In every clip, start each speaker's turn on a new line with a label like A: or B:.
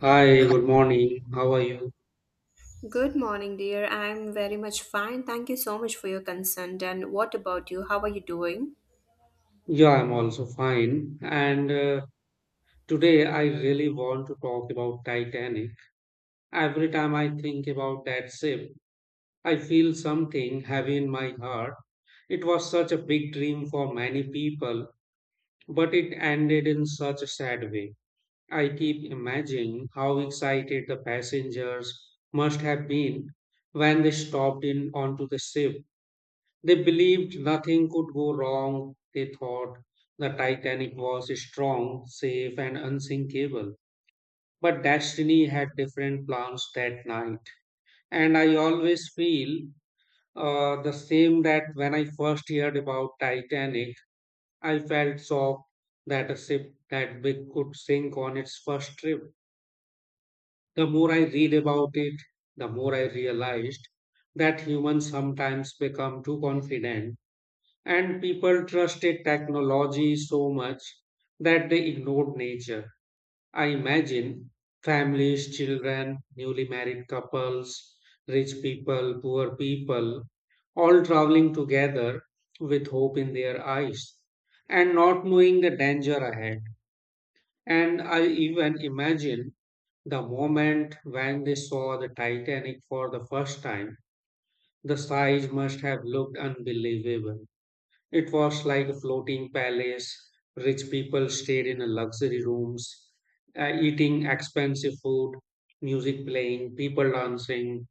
A: Hi, good morning. How are you?
B: Good morning, dear. I'm very much fine. Thank you so much for your consent. And what about you? How are you doing?
A: Yeah, I'm also fine. And Today I really want to talk about Titanic. Every time I think about that ship, I feel something heavy in my heart. It was such a big dream for many people, but it ended in such a sad way. I keep imagining how excited the passengers must have been when they stopped in onto the ship. They believed nothing could go wrong. They thought the Titanic was strong, safe, and unsinkable. But Destiny had different plans that night. And I always feel the same that when I first heard about Titanic, I felt shocked that a ship that big could sink on its first trip. The more I read about it, the more I realized that humans sometimes become too confident and people trusted technology so much that they ignored nature. I imagine families, children, newly married couples, rich people, poor people, all traveling together with hope in their eyes and not knowing the danger ahead. And I even imagine the moment when they saw the Titanic for the first time, the size must have looked unbelievable, it was like a floating palace. Rich people stayed in luxury rooms, eating expensive food, music playing, people dancing,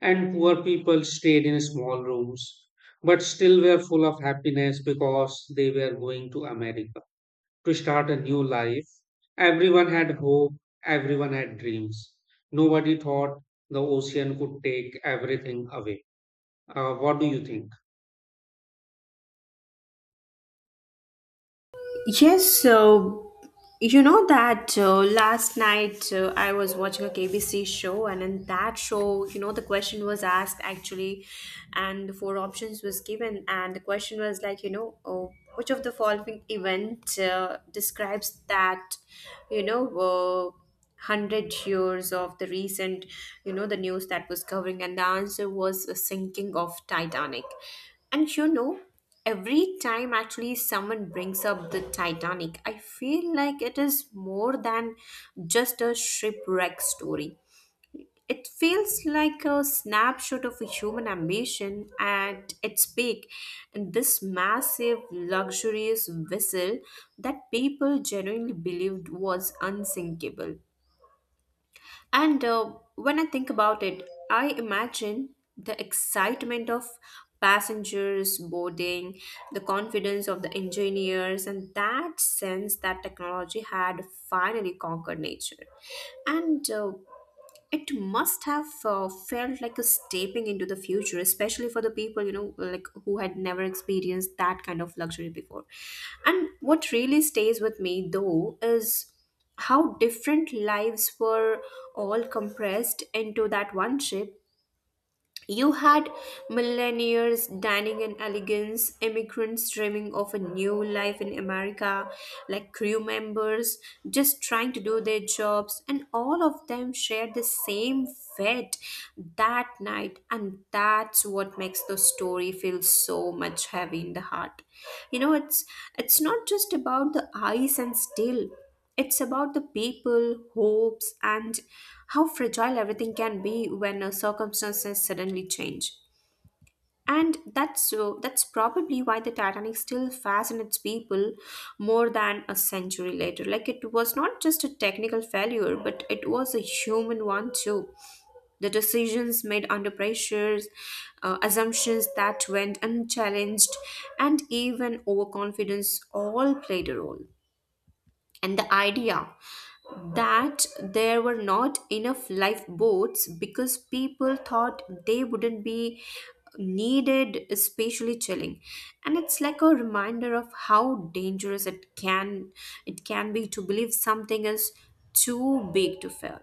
A: and poor people stayed in small rooms, but still were full of happiness because they were going to America to start a new life. Everyone had hope, everyone had dreams. Nobody thought the ocean could take everything away. What do you think?
B: Yes, so that last night I was watching a KBC show, and in that show, the question was asked actually, and the four options was given, and the question was like, which of the following event describes that, you know, uh, 100 years of the recent, the news that was covering. And the answer was a sinking of Titanic. And every time actually someone brings up the Titanic, I feel like it is more than just a shipwreck story. It feels like a snapshot of a human ambition at its peak, and this massive luxurious vessel that people genuinely believed was unsinkable. And when I think about it, I imagine the excitement of passengers boarding, the confidence of the engineers, and that sense that technology had finally conquered nature. And it must have felt like a stepping into the future, especially for the people, like who had never experienced that kind of luxury before. And what really stays with me though is how different lives were all compressed into that one trip. You had millionaires dining in elegance, immigrants dreaming of a new life in America, like crew members just trying to do their jobs, and all of them shared the same fate that night, and that's what makes the story feel so much heavy in the heart. You know, it's it's not just about the ice and steel. It's about the people, hopes, and how fragile everything can be when circumstances suddenly change. And that's probably why the Titanic still fascinates people more than a century later. Like it was not just a technical failure, but it was a human one too. The decisions made under pressures, assumptions that went unchallenged, and even overconfidence all played a role. And the idea that there were not enough lifeboats because people thought they wouldn't be needed, especially chilling. And it's like a reminder of how dangerous it can be to believe something is too big to fail.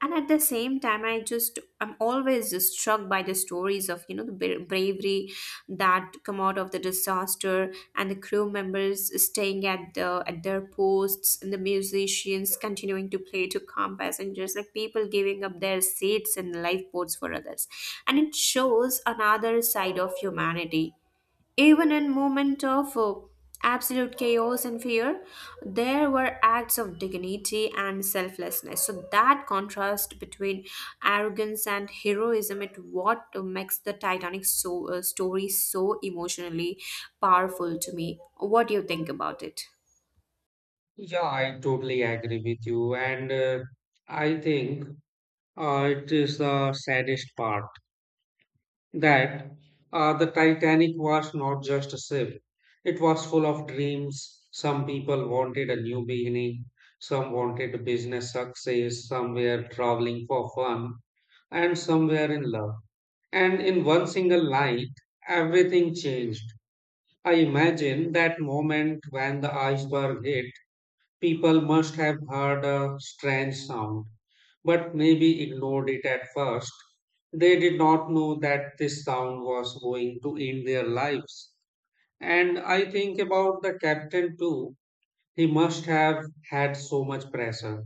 B: And at the same time, I'm always just struck by the stories of, the bravery that come out of the disaster, and the crew members staying at their posts, and the musicians continuing to play to calm passengers, like people giving up their seats and lifeboats for others. And it shows another side of humanity. Even in moment of absolute chaos and fear, there were acts of dignity and selflessness. So that contrast between arrogance and heroism it what makes the Titanic so, story so emotionally powerful to me. What do you think about it?
A: Yeah, I totally agree with you. And I think it is the saddest part that the Titanic was not just a ship, it was full of dreams. Some people wanted a new beginning, some wanted a business success, some were traveling for fun, and some were in love. And in one single night, everything changed. I imagine that moment when the iceberg hit. People must have heard a strange sound, but maybe ignored it at first. They did not know that this sound was going to end their lives. And I think about the captain too. He must have had so much pressure.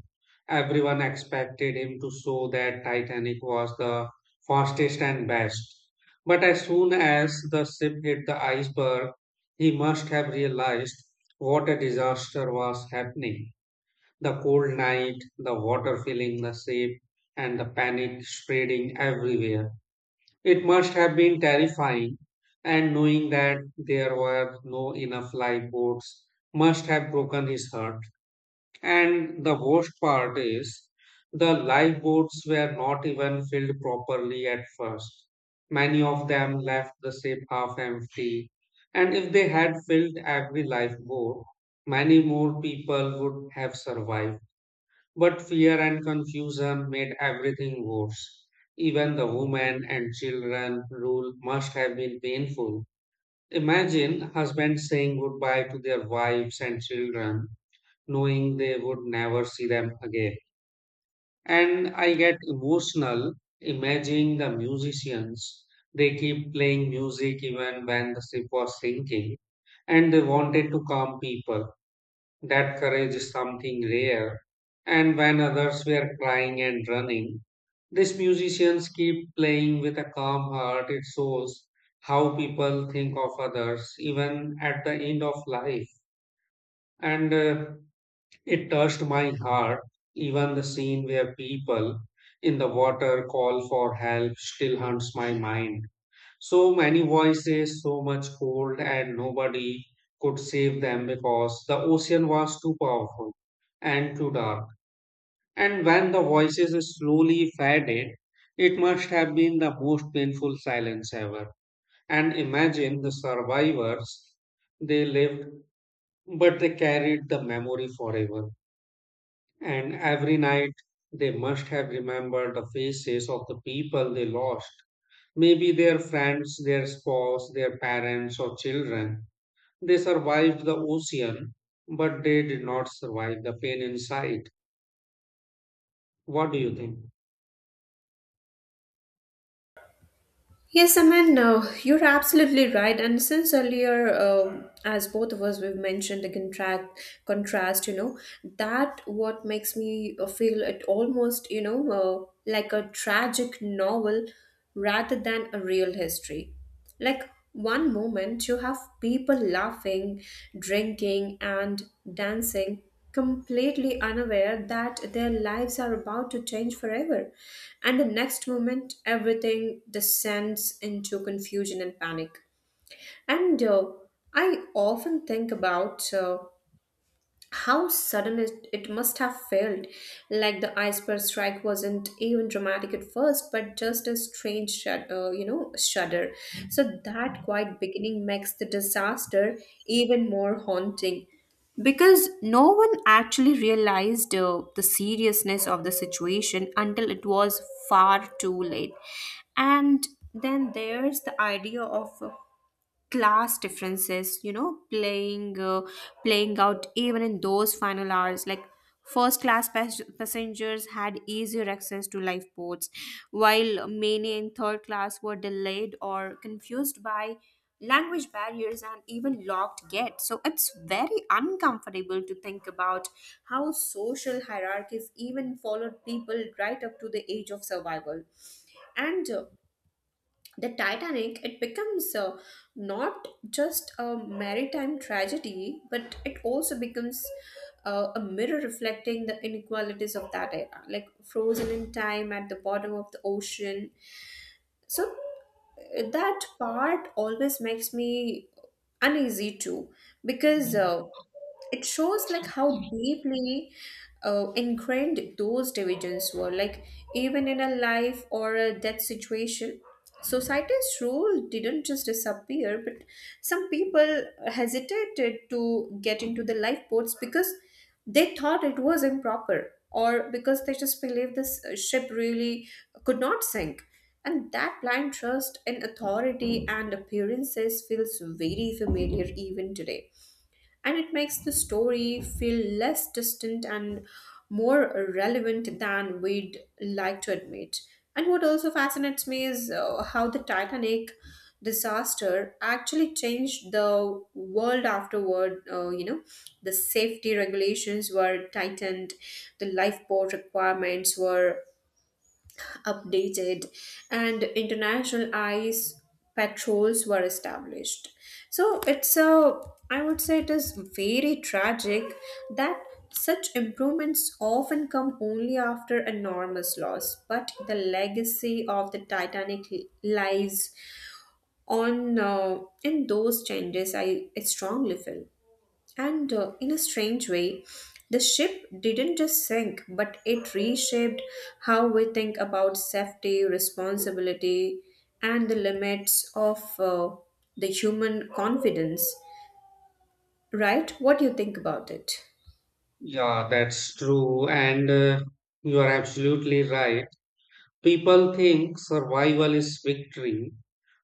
A: Everyone expected him to show that Titanic was the fastest and best. But as soon as the ship hit the iceberg, he must have realized what a disaster was happening. The cold night, the water filling the ship, and the panic spreading everywhere. It must have been terrifying, and knowing that there were no enough lifeboats must have broken his heart. And the worst part is, the lifeboats were not even filled properly at first. Many of them left the ship half empty, and if they had filled every lifeboat, many more people would have survived. But fear and confusion made everything worse. Even the women and children rule must have been painful. Imagine husbands saying goodbye to their wives and children, knowing they would never see them again. And I get emotional imagining the musicians. They keep playing music even when the ship was sinking, and they wanted to calm people that courage is something rare. And when others were crying and running, these musicians keep playing with a calm heart. It shows how people think of others, even at the end of life. And It touched my heart. Even the scene where people in the water call for help still haunts my mind. So many voices, so much cold, and nobody could save them because the ocean was too powerful and too dark. And when the voices slowly faded, it must have been the most painful silence ever. And imagine the survivors, they lived, but they carried the memory forever. And every night, they must have remembered the faces of the people they lost. Maybe their friends, their spouse, their parents, or children. They survived the ocean, but they did not survive the pain inside. What do you think?
B: Yes, I mean, you're absolutely right. And since earlier, as both of us we've mentioned the contract contrast, that what makes me feel it almost, like a tragic novel rather than a real history. Like one moment, you have people laughing, drinking, and dancing, completely unaware that their lives are about to change forever. And the next moment, everything descends into confusion and panic. And I often think about. How sudden it must have felt, like the iceberg strike wasn't even dramatic at first, but just a strange shudder. So that quiet beginning makes the disaster even more haunting, because no one actually realized the seriousness of the situation until it was far too late. And then there's the idea of, class differences, playing, playing out even in those final hours, like first class passengers had easier access to lifeboats, while many in third class were delayed or confused by language barriers and even locked gates. So it's very uncomfortable to think about how social hierarchies even followed people right up to the age of survival. And the Titanic, it becomes, not just a maritime tragedy, but it also becomes a mirror reflecting the inequalities of that era, like frozen in time at the bottom of the ocean. So that part always makes me uneasy too, because it shows, like how deeply ingrained those divisions were, like even in a life or a death situation, society's rule didn't just disappear. But some people hesitated to get into the lifeboats because they thought it was improper, or because they just believed this ship really could not sink. And that blind trust in authority and appearances feels very familiar even today, and it makes the story feel less distant and more relevant than we'd like to admit. And what also fascinates me is how the Titanic disaster actually changed the world afterward. The safety regulations were tightened, the lifeboat requirements were updated, and international ice patrols were established. So it's a, I would say it is very tragic that such improvements often come only after enormous loss. But the legacy of the Titanic lies on, in those changes, I strongly feel. And in a strange way, the ship didn't just sink, but it reshaped how we think about safety, responsibility, and the limits of the human confidence. Right? What do you think about it?
A: Yeah, that's true. And You are absolutely right. People think survival is victory,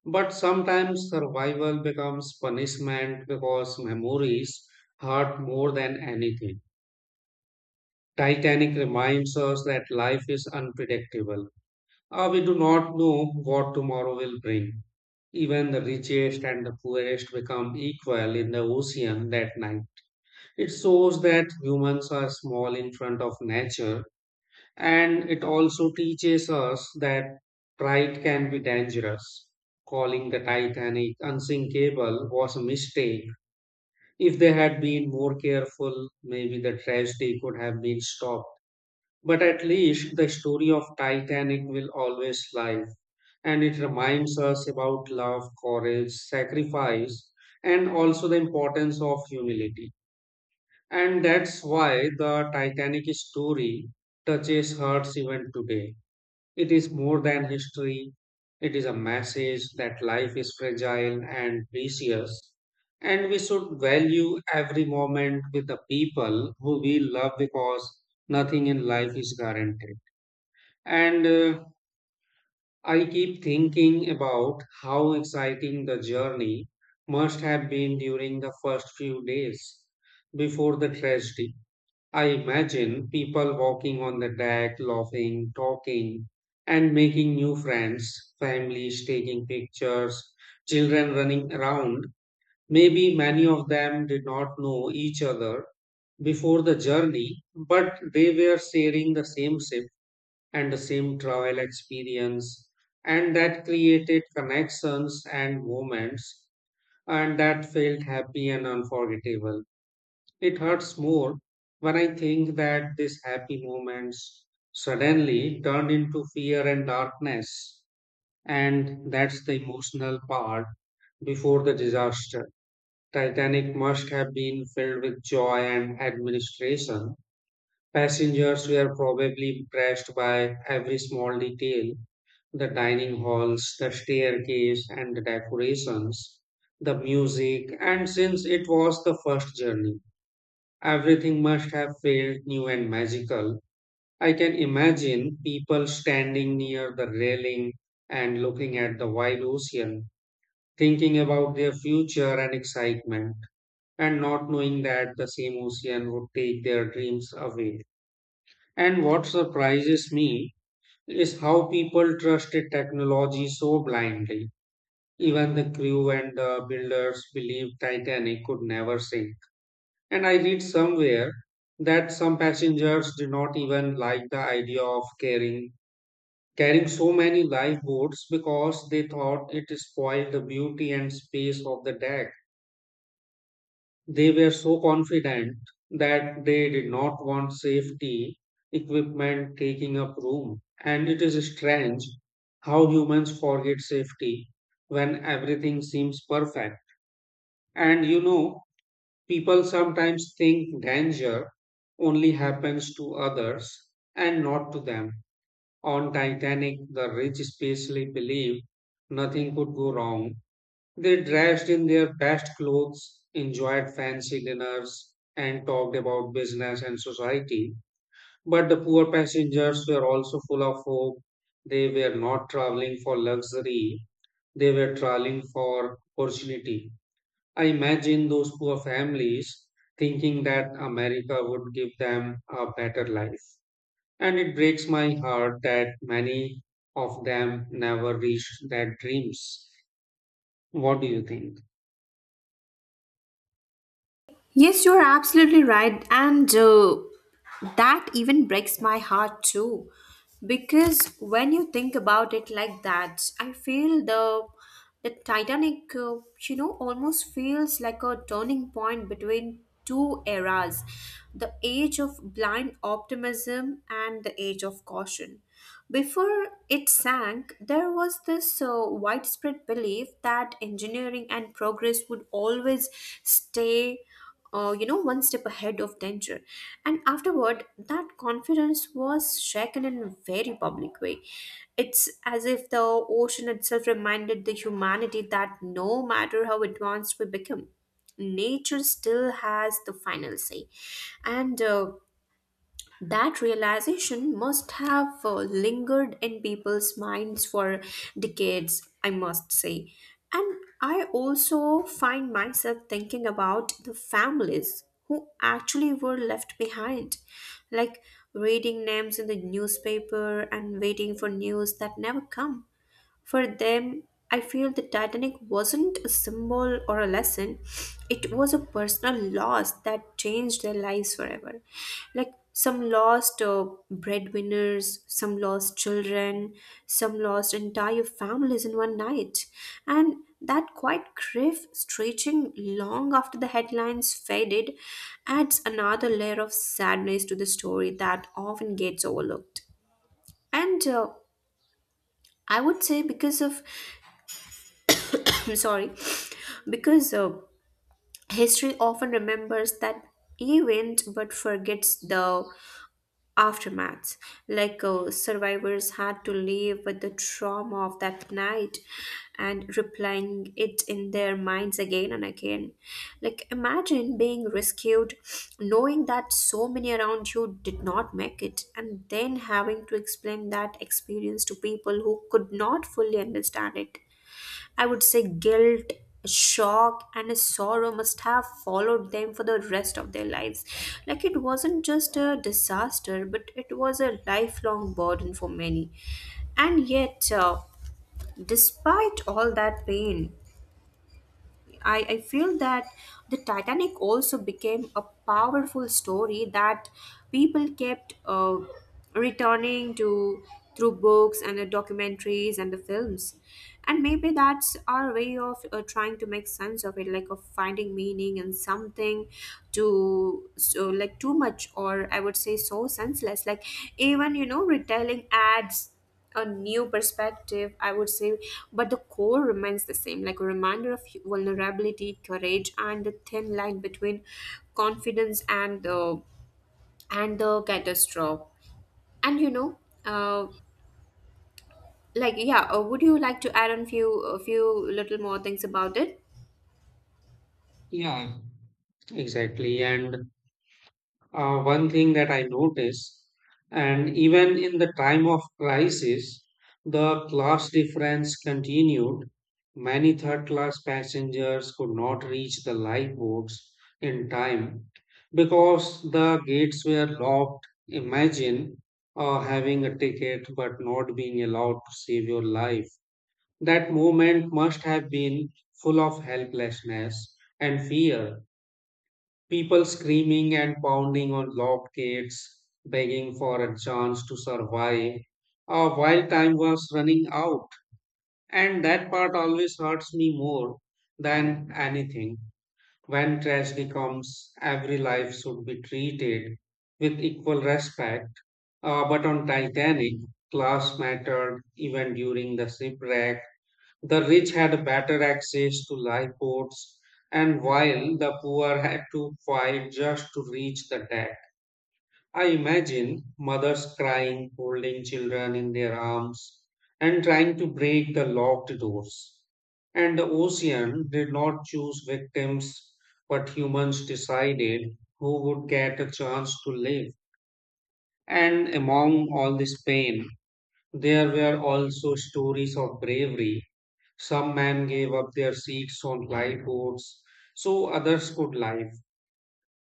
A: but sometimes survival becomes punishment because memories hurt more than anything. Titanic reminds us that life is unpredictable. We do not know what tomorrow will bring. Even the richest and the poorest become equal in the ocean that night. It shows that humans are small in front of nature, and it also teaches us that pride can be dangerous. Calling the Titanic unsinkable was a mistake. If they had been more careful, maybe the tragedy could have been stopped. But at least the story of Titanic will always live, and it reminds us about love, courage, sacrifice, and also the importance of humility. And that's why the Titanic story touches hearts even today. It is more than history, it is a message that life is fragile and precious, and we should value every moment with the people who we love because nothing in life is guaranteed. And I keep thinking about how exciting the journey must have been during the first few days before the tragedy. I imagine people walking on the deck, laughing, talking, and making new friends, families taking pictures, children running around. Maybe many of them did not know each other before the journey, but they were sharing the same ship and the same travel experience, and that created connections and moments, and that felt happy and unforgettable. It hurts more when I think that these happy moments suddenly turned into fear and darkness. And that's the emotional part. Before the disaster, Titanic must have been filled with joy and administration. Passengers were probably impressed by every small detail, the dining halls, the staircase, and the decorations, the music, and since it was the first journey, everything must have felt new and magical. I can imagine people standing near the railing and looking at the wide ocean, thinking about their future and excitement, and not knowing that the same ocean would take their dreams away. And what surprises me is how people trusted technology so blindly. Even the crew and the builders believed Titanic could never sink. And I read somewhere that some passengers did not even like the idea of carrying so many lifeboats because they thought it spoiled the beauty and space of the deck. They were so confident that they did not want safety equipment taking up room. And it is strange how humans forget safety when everything seems perfect. And you know, people sometimes think danger only happens to others and not to them. On Titanic, the rich spacely believed nothing could go wrong. They dressed in their best clothes, enjoyed fancy dinners, and talked about business and society. But the poor passengers were also full of hope. They were not traveling for luxury, they were traveling for opportunity. I imagine those poor families thinking that America would give them a better life. And it breaks my heart that many of them never reached their dreams. What do you think?
B: Yes, you're absolutely right. And that even breaks my heart too. Because when you think about it like that, I feel the Titanic, almost feels like a turning point between two eras, the age of blind optimism and the age of caution. Before it sank, there was this widespread belief that engineering and progress would always stay, one step ahead of danger. And afterward, that confidence was shaken in a very public way. It's as if the ocean itself reminded the humanity that no matter how advanced we become, nature still has the final say. And that realization must have lingered in people's minds for decades, I must say. And I also find myself thinking about the families who actually were left behind, like reading names in the newspaper and waiting for news that never come. For them, I feel the Titanic wasn't a symbol or a lesson, it was a personal loss that changed their lives forever. Like some lost, breadwinners, some lost children, some lost entire families in one night. And that quite grief, stretching long after the headlines faded, adds another layer of sadness to the story that often gets overlooked. And I would say, because of, I'm sorry, because history often remembers that event but forgets the aftermath. Like survivors had to live with the trauma of that night, and replaying it in their minds again and again. Like imagine being rescued, knowing that so many around you did not make it, and then having to explain that experience to people who could not fully understand it. I would say guilt, shock, and a sorrow must have followed them for the rest of their lives. Like it wasn't just a disaster, but it was a lifelong burden for many. And yet, despite all that pain, I feel that the Titanic also became a powerful story that people kept returning to through books and the documentaries and the films. And maybe that's our way of trying to make sense of it, like of finding meaning in something too, so like too much, or I would say so senseless. Like even, retelling ads a new perspective, I would say. But the core remains the same, like a reminder of vulnerability, courage, and the thin line between confidence and the catastrophe. And uh, like yeah, would you like to add on few a few little more things about it?
A: Yeah, exactly. And One thing that I notice, and even in the time of crisis, the class difference continued. Many third class passengers could not reach the lifeboats in time because the gates were locked. Imagine having a ticket but not being allowed to save your life. That moment must have been full of helplessness and fear. People screaming and pounding on locked gates, begging for a chance to survive. While time was running out, and that part always hurts me more than anything. When tragedy comes, every life should be treated with equal respect. But on Titanic, class mattered even during the shipwreck. The rich had better access to lifeboats, and while the poor had to fight just to reach the deck. I imagine mothers crying, holding children in their arms, and trying to break the locked doors. And the ocean did not choose victims, but humans decided who would get a chance to live. And among all this pain, there were also stories of bravery. Some men gave up their seats on lifeboats so others could live.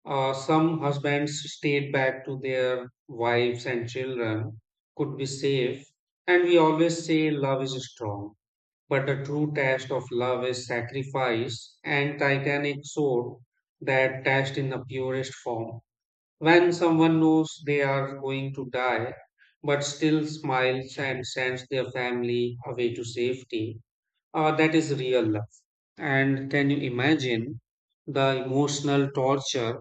A: Some husbands stayed back to their wives and children could be safe. And we always say love is strong, but the true test of love is sacrifice, and Titanic showed that test in the purest form. When someone knows they are going to die, but still smiles and sends their family away to safety, that is real love. And can you imagine the emotional torture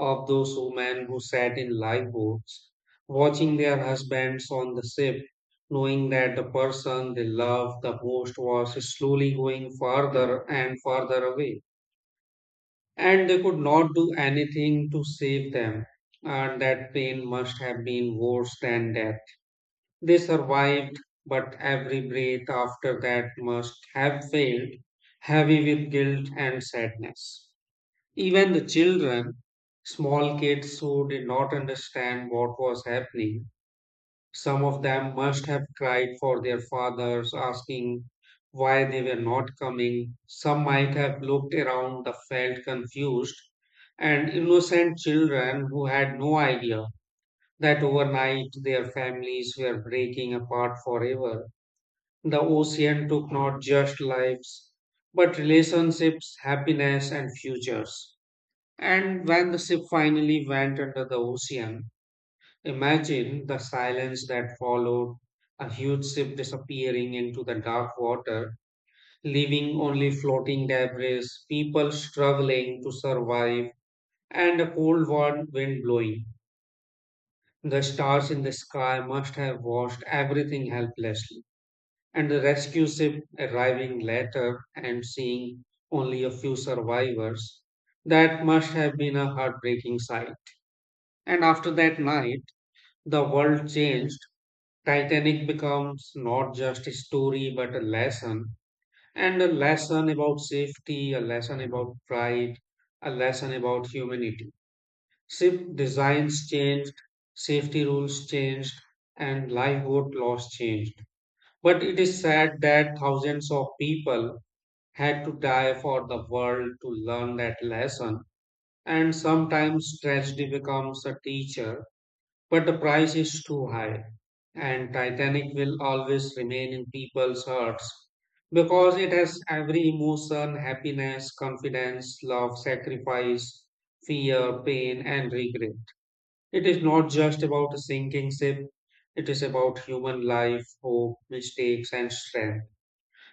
A: of those women who sat in lifeboats, watching their husbands on the ship, knowing that the person they loved the most was slowly going farther and farther away, and they could not do anything to save them? And that pain must have been worse than death. They survived, but every breath after that must have failed, heavy with guilt and sadness. Even the children, small kids who did not understand what was happening, some of them must have cried for their fathers, asking why they were not coming. Some might have looked around the felt confused, and innocent children who had no idea that overnight their families were breaking apart forever. The ocean took not just lives, but relationships, happiness, and futures. And when the ship finally went under the ocean, imagine the silence that followed, a huge ship disappearing into the dark water, leaving only floating debris, people struggling to survive, and a cold wind blowing. The stars in the sky must have watched everything helplessly. And the rescue ship arriving later and seeing only a few survivors, that must have been a heartbreaking sight. And after that night, the world changed. Titanic becomes not just a story but a lesson, and a lesson about safety, a lesson about pride, a lesson about humanity. Ship designs changed, safety rules changed, and lifeboat laws changed. But it is sad that thousands of people had to die for the world to learn that lesson, and sometimes tragedy becomes a teacher but the price is too high, and Titanic will always remain in people's hearts because it has every emotion happiness, confidence, love, sacrifice, fear, pain, and regret. It is not just about a sinking ship, it is about human life, hope, mistakes, and strength.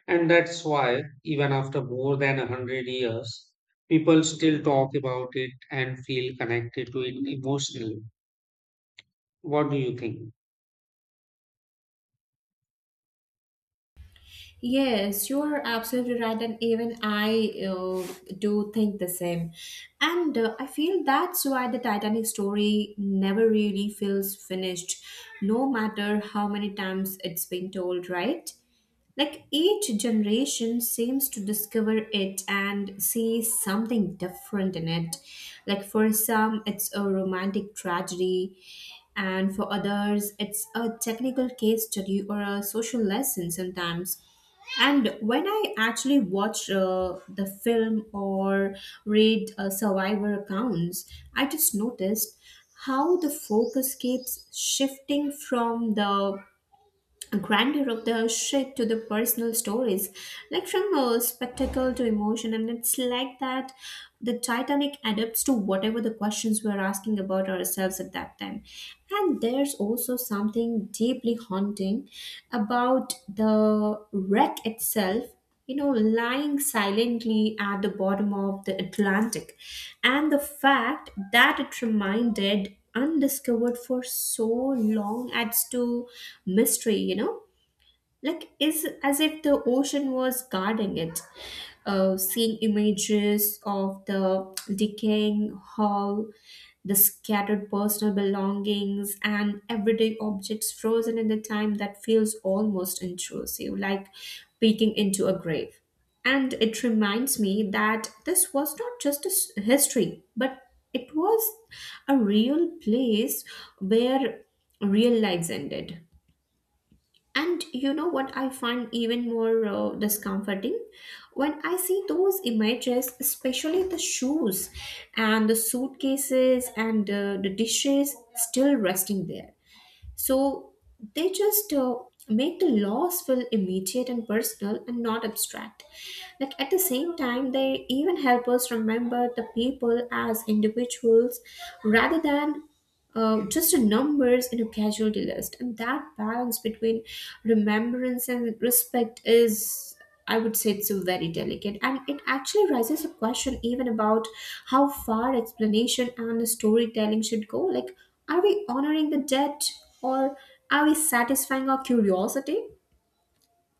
A: And that's why, even after more than a hundred years, people still talk about it and feel connected to it emotionally. What do you think?
B: Yes, you're absolutely right, and even I do think the same. And I feel that's why the Titanic story never really feels finished, no matter how many times it's been told, right? Like each generation seems to discover it and see something different in it. Like for some, it's a romantic tragedy, and for others, it's a technical case study or a social lesson sometimes. And when I actually watch the film or read survivor accounts, I just noticed how the focus keeps shifting from the grandeur of the ship to the personal stories, like from spectacle to emotion. And it's like that the Titanic adapts to whatever the questions we're asking about ourselves at that time. And there's also something deeply haunting about the wreck itself, you know, lying silently at the bottom of the Atlantic. And the fact that it remained undiscovered for so long adds to mystery, you know, like is as if the ocean was guarding it. Uh, seeing images of the decaying hull, the scattered personal belongings and everyday objects frozen in the time, that feels almost intrusive, like peeking into a grave. And it reminds me that this was not just a history, but it was a real place where real lives ended. And you know what I find even more discomforting? When I see those images, especially the shoes and the suitcases and, the dishes still resting there. So they just make the laws feel immediate and personal, and not abstract. Like at the same time, they even help us remember the people as individuals rather than just the numbers in a casualty list. And that balance between remembrance and respect is, I would say, it's a very delicate, and it actually raises a question even about how far explanation and storytelling should go. Like, are we honoring the dead, or are we satisfying our curiosity?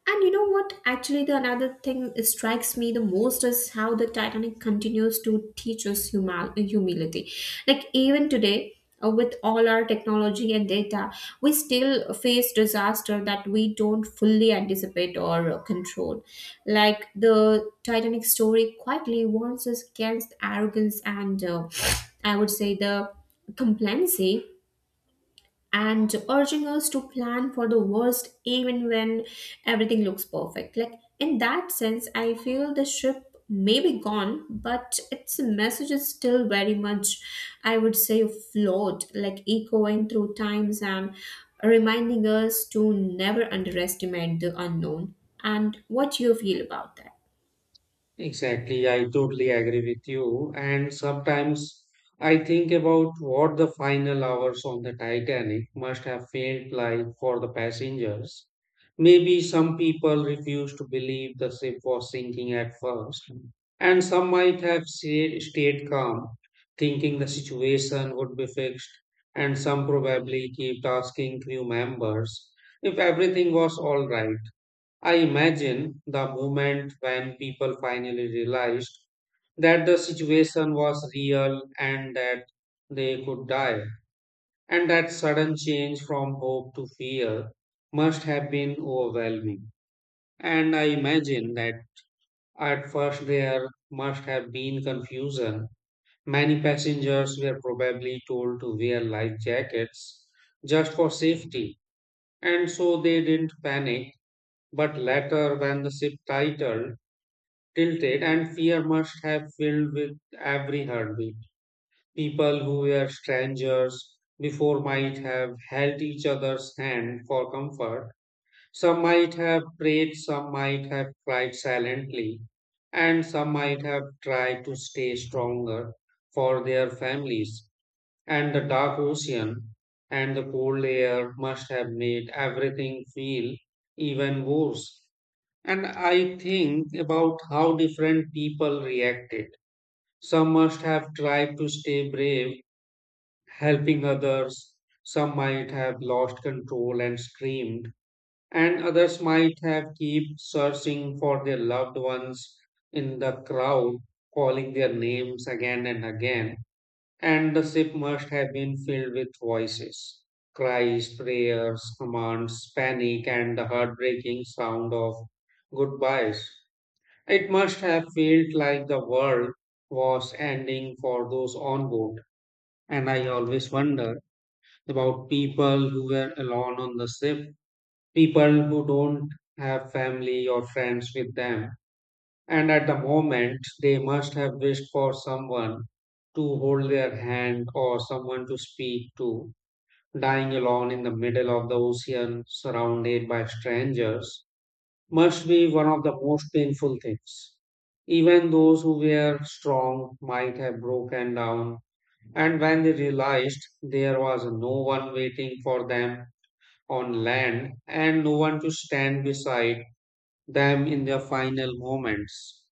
B: And you know what? Actually, the another thing strikes me the most is how the Titanic continues to teach us humility. Like even today, with all our technology and data, we still face disaster that we don't fully anticipate or, control. Like the Titanic story quietly warns us against arrogance, and I would say the complacency, and urging us to plan for the worst even when everything looks perfect. Like, in that sense, I feel the ship may be gone, but its message is still very much, I would say, float, like echoing through times and reminding us to never underestimate the unknown. And what do you feel about that?
A: Exactly, I totally agree with you. And sometimes I think about what the final hours on the Titanic must have felt like for the passengers. Maybe some people refused to believe the ship was sinking at first, and some might have stayed calm, thinking the situation would be fixed, and some probably kept asking crew members if everything was all right. I imagine the moment when people finally realized that the situation was real and that they could die, and that sudden change from hope to fear must have been overwhelming. And I imagine that at first there must have been confusion. Many passengers were probably told to wear life jackets just for safety, and so they didn't panic. But later, when the ship tilted and fear must have filled with every heartbeat. People who were strangers before might have held each other's hand for comfort. Some might have prayed, some might have cried silently, and some might have tried to stay stronger for their families. And the dark ocean and the cold air must have made everything feel even worse. And I think about how different people reacted. Some must have tried to stay brave, helping others. Some might have lost control and screamed. And others might have kept searching for their loved ones in the crowd, calling their names again and again. And the ship must have been filled with voices, cries, prayers, commands, panic, and the heartbreaking sound of goodbyes. It must have felt like the world was ending for those on board. And I always wonder about people who were alone on the ship, people who don't have family or friends with them. And at the moment, they must have wished for someone to hold their hand or someone to speak to. Dying alone in the middle of the ocean, surrounded by strangers, must be one of the most painful things. Even those who were strong might have broken down, and when they realized there was no one waiting for them on land and no one to stand beside them in their final moments.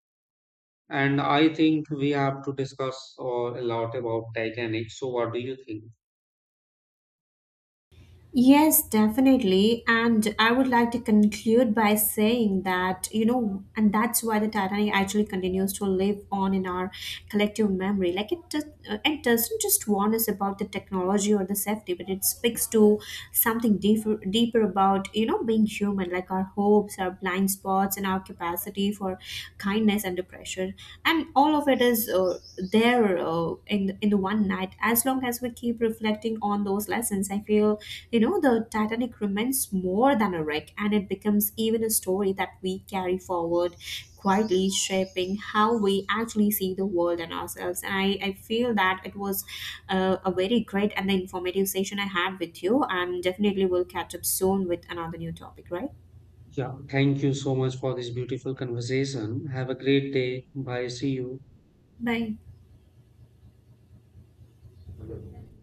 A: And I think we have to discuss or a lot about Titanic. So, what do you think?
B: Yes, definitely. And I would like to conclude by saying that, and that's why the Titanic actually continues to live on in our collective memory. Like it does, it doesn't just warn us about the technology or the safety, but it speaks to something deeper, deeper about, being human, like our hopes, our blind spots, and our capacity for kindness under pressure. And all of it is there, in the one night. As long as we keep reflecting on those lessons, I feel, the Titanic remains more than a wreck, and it becomes even a story that we carry forward quietly, shaping how we actually see the world and ourselves. And I feel that it was a very great and informative session I had with you, and definitely we'll catch up soon with another new topic, right?
A: Yeah, thank you so much for this beautiful conversation. Have a great day. Bye. See you.
B: Bye.